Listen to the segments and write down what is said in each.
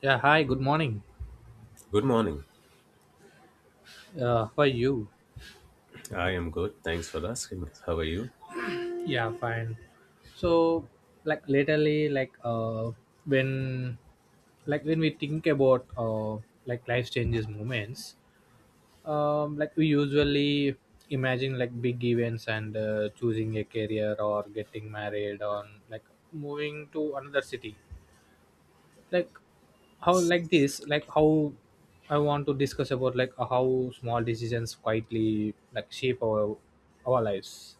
Yeah, hi, good morning. Good morning. How are you? I am good. Thanks for asking. How are you? Yeah, fine. So, like lately, like when, like when we think about like life changes moments, like we usually imagine like big events and choosing a career or getting married or like moving to another city, like how like this like how I want to discuss about like how small decisions quietly like shape our lives.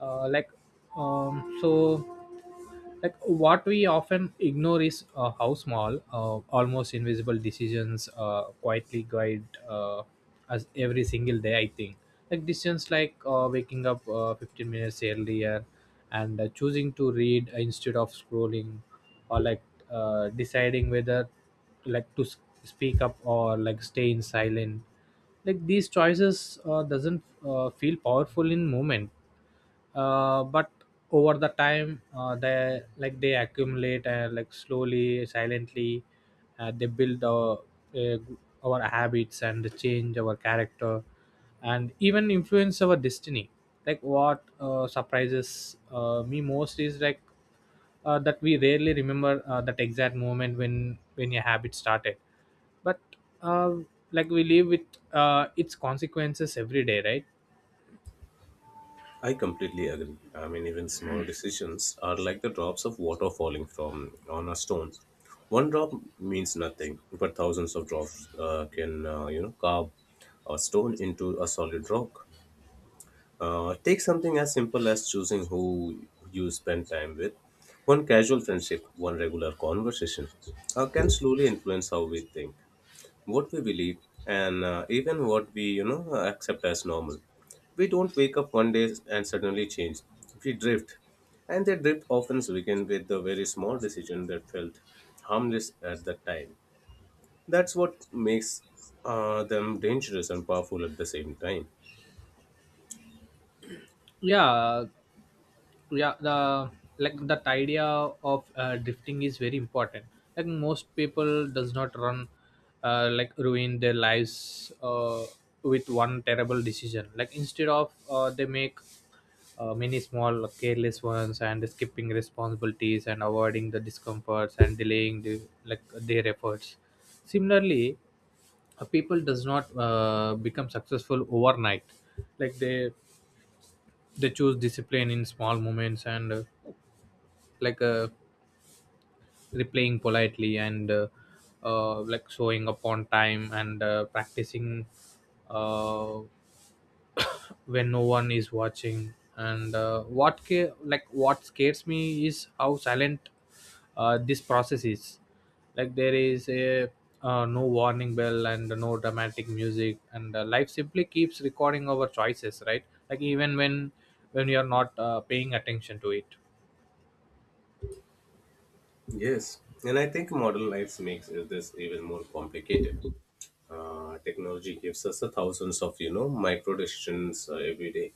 uh, like so like what we often ignore is how small, almost invisible decisions quietly guide us every single day, I think. Like decisions like waking up 15 minutes earlier, and choosing to read instead of scrolling, or like deciding whether like to speak up or like stay in silent. Like these choices doesn't feel powerful in moment, but over the time they like they accumulate, and like slowly silently they build uh, our habits and change our character, and even influence our destiny. Like what surprises me most is like that we rarely remember that exact moment when your habit started, but uh, like we live with its consequences every day, right? I completely agree. I mean, even small decisions are like the drops of water falling from on a stone. One drop means nothing, but thousands of drops can, you know, carve a stone into a solid rock. Take something as simple as choosing who you spend time with. One casual friendship, one regular conversation, can slowly influence how we think, what we believe, and even what we, you know, accept as normal. We don't wake up one day and suddenly change. We drift, and that drift often begins with the very small decision that felt harmless at the time. That's what makes them dangerous and powerful at the same time. Yeah. Yeah, the like that idea of drifting is very important. Like most people does not run, like ruin their lives with one terrible decision, like instead of they make many small careless ones, and skipping responsibilities and avoiding the discomforts and delaying the like their efforts. Similarly, a people does not become successful overnight, like they choose discipline in small moments, and like uh, replying politely, and like showing up on time, and practicing uh, when no one is watching. And like what scares me is how silent this process is. Like there is a, no warning bell and no dramatic music, and life simply keeps recording our choices, right? Like even when we are not paying attention to it. Yes, and I think modern life makes this even more complicated. Technology gives us the thousands of, you know, micro decisions every day.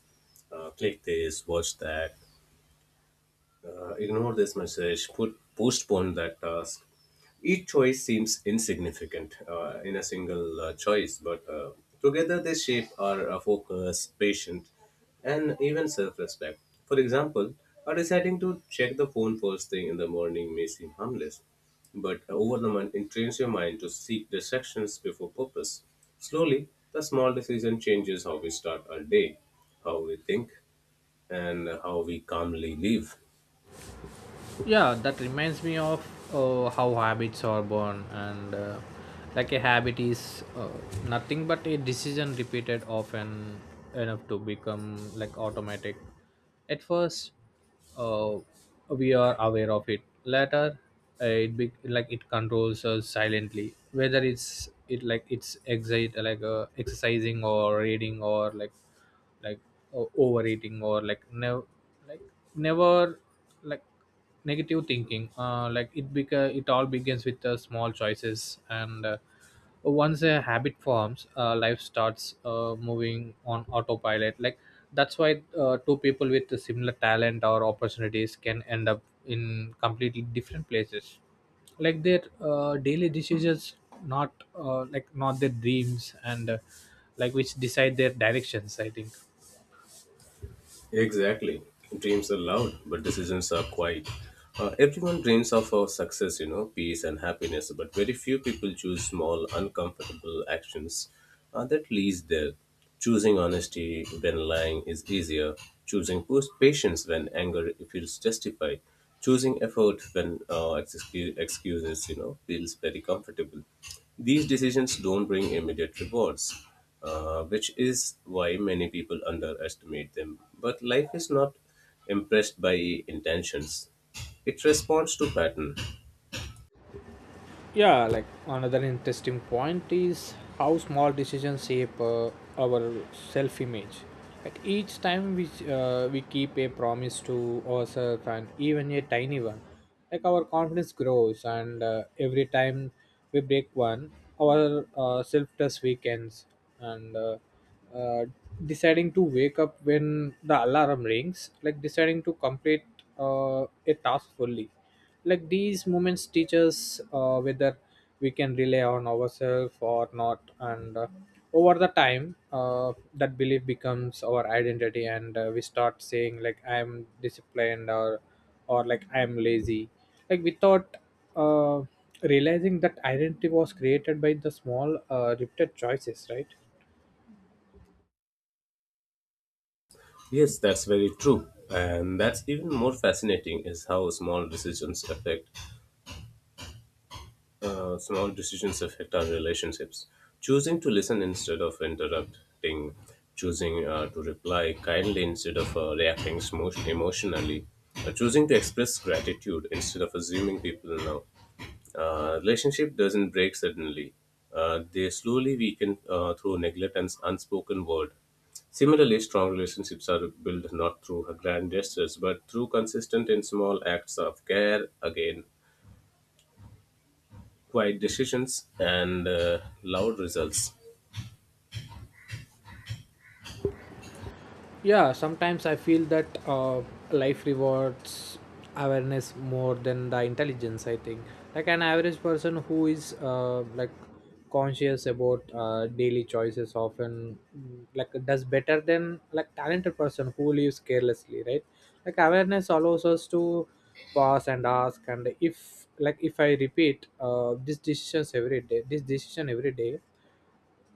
Click this, watch that. Ignore this message, postpone that task. Each choice seems insignificant in a single choice, but together they shape our focus, patience, and even self respect. For example, deciding to check the phone first thing in the morning may seem harmless, but over the month, it trains your mind to seek distractions before purpose. Slowly, the small decision changes how we start our day, how we think, and how we calmly live. Yeah, that reminds me of how habits are born, and like a habit is nothing but a decision repeated often enough to become like automatic. At first uh, we are aware of it, later it be like it controls us silently, whether it's it like it's exit like exercising or reading, or like overeating, or like never, like never, like like negative thinking. It all begins with small choices, and once a habit forms life starts moving on autopilot. Like that's why two people with similar talent or opportunities can end up in completely different places. Like their daily decisions, not like not their dreams and like which decide their directions, I think. Exactly. Dreams are loud, but decisions are quiet. Everyone dreams of success, you know, peace, and happiness, but very few people choose small, uncomfortable actions that leads there. Choosing honesty when lying is easier. Choosing patience when anger feels justified. Choosing effort when excuses, you know, feels very comfortable. These decisions don't bring immediate rewards, which is why many people underestimate them. But life is not impressed by intentions, it responds to pattern. Yeah, like another interesting point is how small decisions shape our self image. Like each time we keep a promise to ourselves, and even a tiny one, like our confidence grows, and every time we break one our self trust weakens. And uh, deciding to wake up when the alarm rings, like deciding to complete a task fully, like these moments teach us whether we can rely on ourselves or not. And over the time that belief becomes our identity, and we start saying like I am disciplined, or like I am lazy, like without uh, realizing that identity was created by the small, repeated choices, right? Yes, that's very true. And that's even more fascinating is how small decisions affect our relationships. Choosing to listen instead of interrupting, choosing to reply kindly instead of reacting emotionally, choosing to express gratitude instead of assuming people know. Relationship doesn't break suddenly. They slowly weaken through neglect and unspoken word. Similarly, strong relationships are built not through grand gestures, but through consistent and small acts of care. Again, quiet decisions and loud results. Yeah, sometimes I feel that life rewards awareness more than the intelligence, I think. Like an average person who is like conscious about daily choices often like does better than like talented person who lives carelessly, right? Like awareness allows us to pause and ask, and if like if I repeat this decision every day,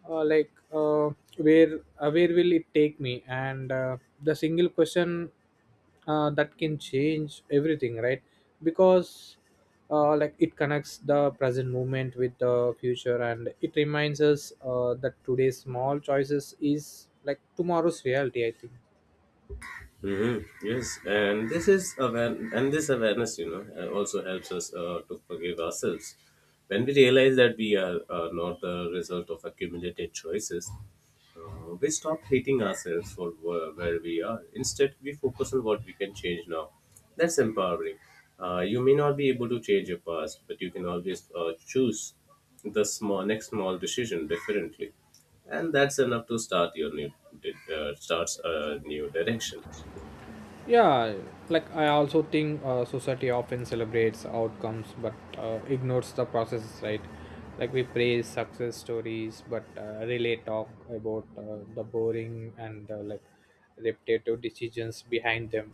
uh, like uh, where will it take me? And the single question that can change everything, right? Because like it connects the present moment with the future, and it reminds us that today's small choices is like tomorrow's reality, I think. Hmm yes, and this is aware, and this awareness, you know, also helps us to forgive ourselves. When we realize that we are not the result of accumulated choices, we stop hating ourselves for where we are. Instead, we focus on what we can change now. That's empowering. You may not be able to change your past, but you can always choose the small decision differently, and that's enough to starts a new direction. Yeah, like I also think society often celebrates outcomes but ignores the processes, right? Like we praise success stories but really talk about the boring and like repetitive decisions behind them.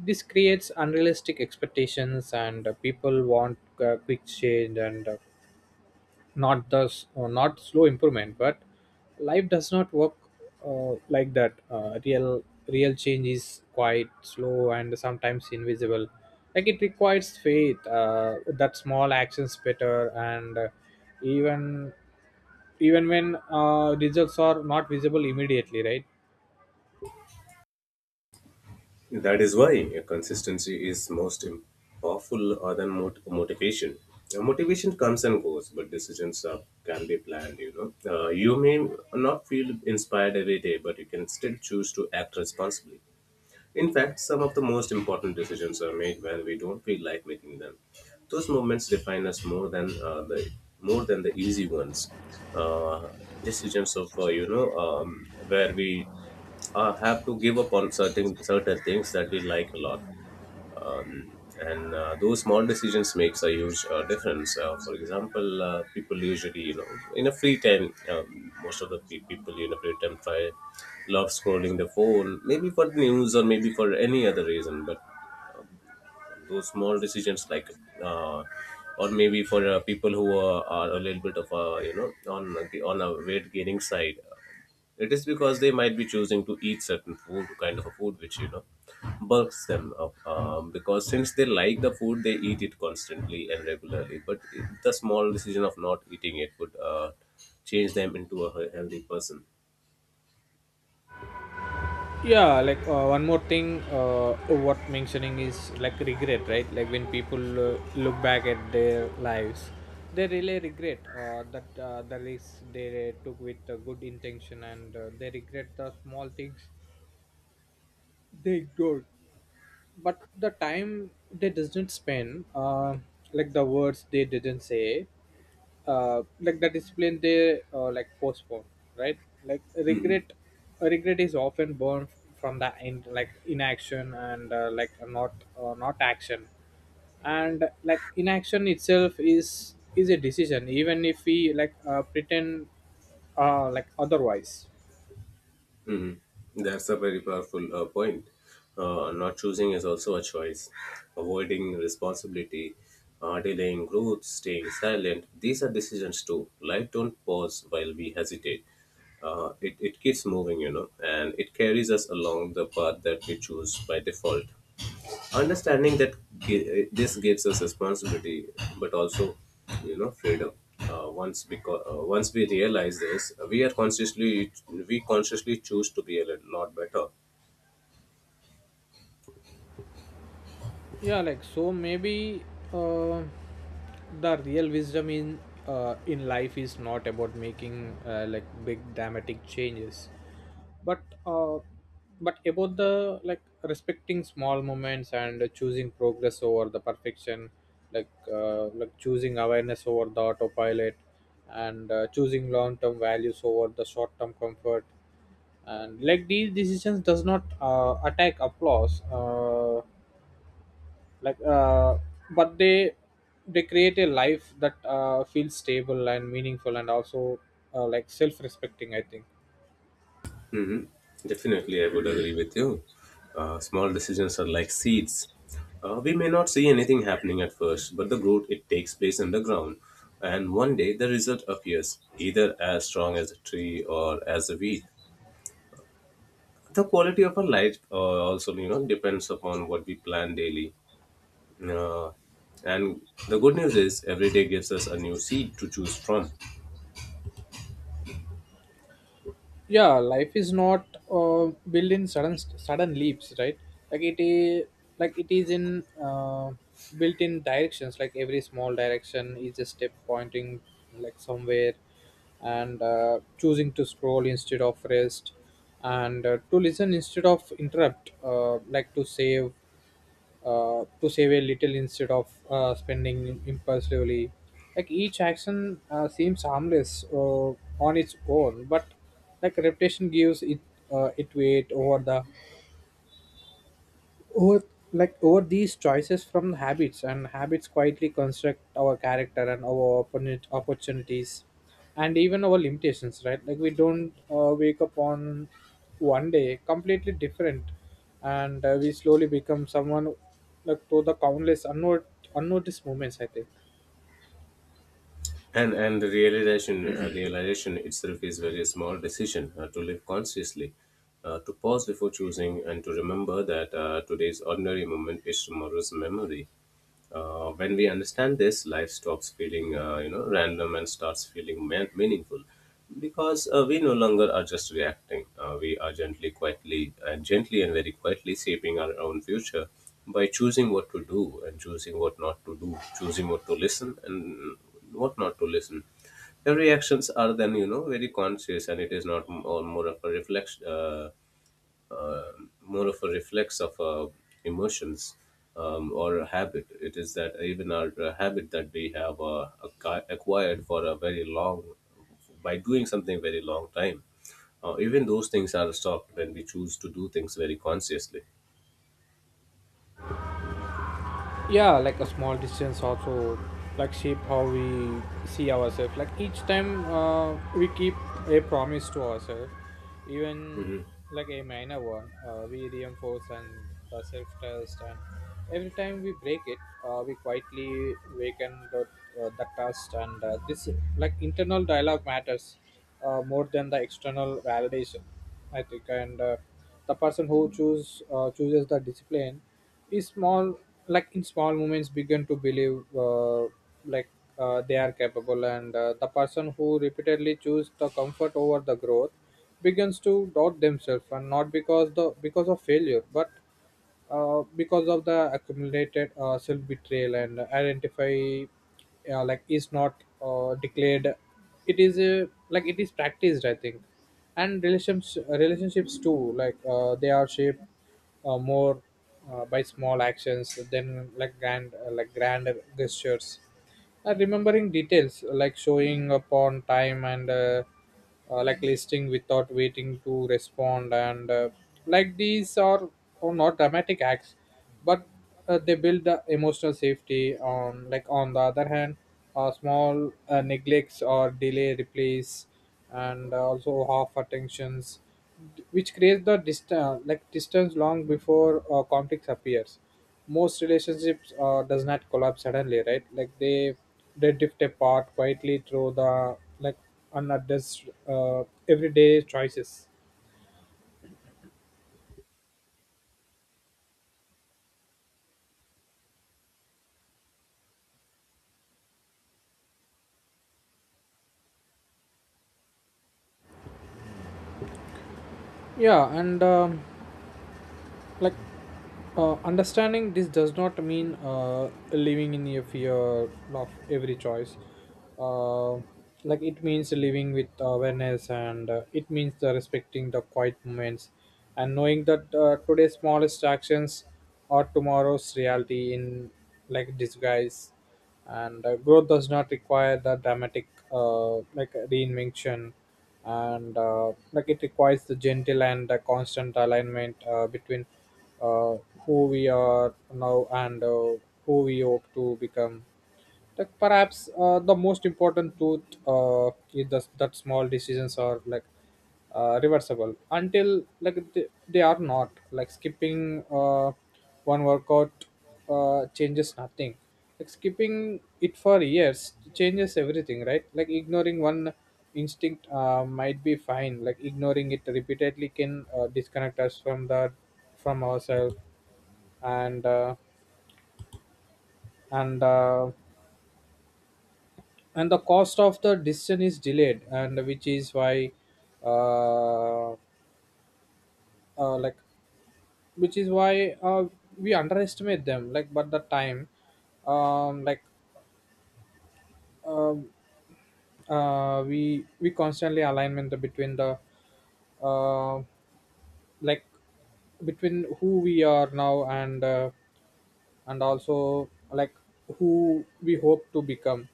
This creates unrealistic expectations, and people want quick change and not slow improvement, but life does not work like that. Real change is quite slow and sometimes invisible. Like it requires faith that small actions better, and even even when results are not visible immediately, right? That is why consistency is powerful other than motivation. Motivation comes and goes, but decisions can be planned. You know, you may not feel inspired every day, but you can still choose to act responsibly. In fact, some of the most important decisions are made when we don't feel like making them. Those moments define us more than the easy ones. Uh, decisions of you know, where we have to give up on certain things that we like a lot, and those small decisions makes a huge difference. Uh, for example, people usually, you know, in a free time, most of the pe- people in a free time try love scrolling the phone, maybe for the news or maybe for any other reason. But those small decisions, uh, or maybe for people who are a little bit of a, you know, on the on a weight gaining side, it is because they might be choosing to eat certain food, kind of a food which, you know, bulks them up. Because since they like the food, they eat it constantly and regularly. But the small decision of not eating it would change them into a healthy person. Yeah, like one more thing, what mentioning is like regret, right? Like when people look back at their lives, they really regret that the risks they took with a good intention, and they regret the small things they ignored, but the time they didn't spend, like the words they didn't say, like the discipline they like postpone, right? Like regret is often born from like inaction, and like not, not action, and like inaction itself is a decision, even if we like pretend like otherwise. Mhm. That's a very powerful point. Not choosing is also a choice. Avoiding responsibility, delaying growth, staying silent, these are decisions too. Life don't pause while we hesitate. It keeps moving, you know, and it carries us along the path that we choose by default. Understanding that this gives us responsibility, but also, you know, freedom. Once we realize this, we consciously choose to be a lot better. Yeah, like so maybe uh, the real wisdom in, in life is not about making like big dramatic changes, but but about the like respecting small moments, and choosing progress over the perfection, like choosing awareness over the autopilot, and choosing long term values over the short term comfort. And like these decisions does not attack applause, like but they create a life that feels stable and meaningful, and also like self-respecting, I think. Hmm definitely, I would agree with you. Uh, small decisions are like seeds. Uh, we may not see anything happening at first, but the growth it takes place underground, and one day the result appears either as strong as a tree or as a weed. The quality of our life also, you know, depends upon what we plan daily. Uh, and the good news is every day gives us a new seed to choose from. Yeah, life is not uh, built in sudden leaps, right? Like it is, in built in directions. Like every small direction is a step pointing like somewhere, and choosing to scroll instead of rest, and to listen instead of interrupt, like to save, to save a little instead of spending impulsively. Like each action seems harmless on its own, but like reputation gives it it weight over the, over like over these choices from habits, and habits quietly construct our character and our opportunities, and even our limitations, right? Like we don't wake up on one day completely different, and we slowly become someone like through the countless unnoticed moments, I think. And the realization itself is very small decision to live consciously, to pause before choosing and to remember that today's ordinary moment is tomorrow's memory. When we understand this, life stops feeling, you know, random and starts feeling meaningful, because we no longer are just reacting. We are gently and very quietly shaping our own future by choosing what to do and choosing what not to do, choosing what to listen and what not to listen. Their reactions are then, you know, very conscious, and it is not m- or more of a reflection, uh, more of a reflex of emotions, or a habit. It is that even our habit that we have acquired for a very long, by doing something very long time. Even those things are stopped when we choose to do things very consciously. Yeah, like a small distance also like shape how we see ourselves, like each time we keep a promise to ourselves, even Mhm. like a minor one, we reinforce and the self-test, and every time we break it we quietly waken the trust. And this like internal dialogue matters more than the external validation, I think. And the person who chooses the discipline is small, like in small moments, begin to believe like they are capable. And the person who repeatedly choose the comfort over the growth begins to doubt themselves, and not because the because of failure, but because of the accumulated, self betrayal. And identify like is not declared, it is a, like it is practiced, I think. And relationships, relationships too, like they are shaped, more, by small actions than like grand, like grander gestures. Remembering details, like showing up on time, and like listing without waiting to respond, and like these are not dramatic acts, but they build the emotional safety. On like on the other hand, small neglects or delay replace, and also half attentions, which creates the distance, like distance long before conflicts appears. Most relationships does not collapse suddenly, right? Like they drift apart quietly through the like unaddressed, everyday choices. Yeah, and like understanding this does not mean living in a fear of every choice. uh, like it means living with awareness, and it means the respecting the quiet moments, and knowing that today's smallest actions are tomorrow's reality in like disguise. And growth does not require the dramatic, like reinvention, and like it requires the gentle and constant alignment between uh, who we are now and who we hope to become. Like perhaps the most important truth is that small decisions are like reversible, until like they are not. Like skipping one workout changes nothing, like skipping it for years changes everything, right? Like ignoring one instinct might be fine, like ignoring it repeatedly can disconnect us from The from ourselves. And uh, and uh, and the cost of the decision is delayed, and which is why uh, uh, like which is why we underestimate them. Like, but the time um, like um, we constantly alignment between the uh, like between who we are now and also like who we hope to become.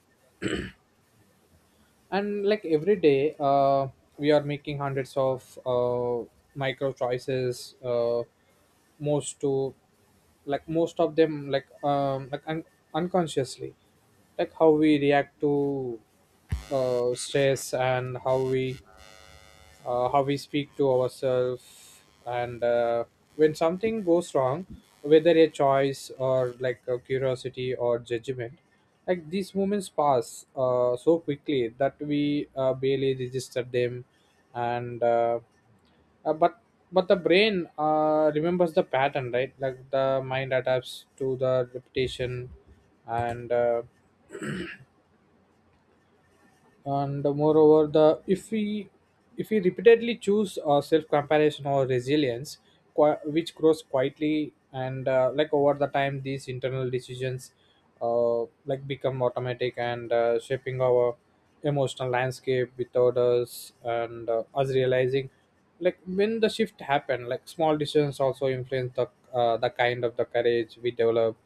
And like every day, we are making hundreds of micro choices, most to like most of them like unconsciously. Like how we react to stress, and how we speak to ourselves, and when something goes wrong, whether a choice or like a curiosity or judgment. Like these moments pass so quickly that we barely register them. And uh, but but the brain remembers the pattern, right? Like the mind adapts to the repetition. And uh, and moreover, the if we repeatedly choose self comparison or resilience, which grows quietly, and like over the time these internal decisions uh, like become automatic, and shaping our emotional landscape without us realizing like when the shift happened. Like small decisions also influence the kind of the courage we develop.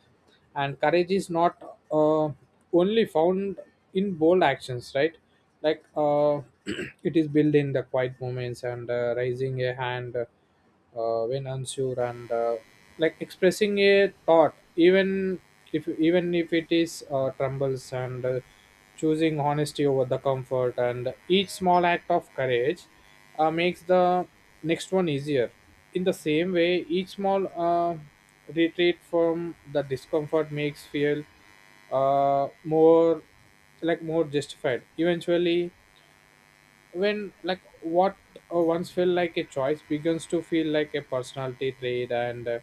And courage is not only found in bold actions, right? like uh, it is built in the quiet moments, and raising a hand when unsure, and like expressing a thought even if it is trembles, and choosing honesty over the comfort. And each small act of courage makes the next one easier. In the same way, each small retreat from the discomfort makes feel uh, more more justified. Eventually, when like what once felt like a choice begins to feel like a personality trait. And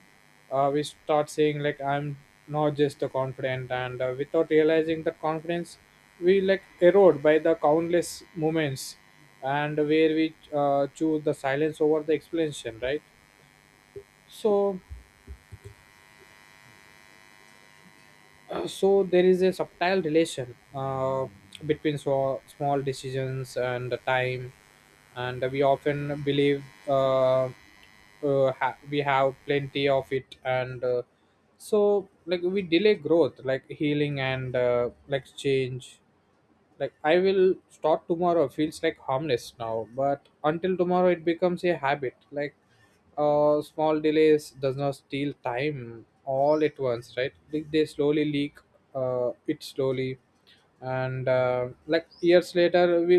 We start saying like I'm not just a confident, and without realizing that confidence we like erode by the countless moments, and where we choose the silence over the explanation, right? So Uh, so there is a subtle relation between so small decisions and the time. And we often believe we have plenty of it, and so like we delay growth, like healing, and like change. Like I will start tomorrow feels like harmless now, but until tomorrow it becomes a habit. Small delays does not steal time all at once, right? They slowly leak, it slowly. And like years later we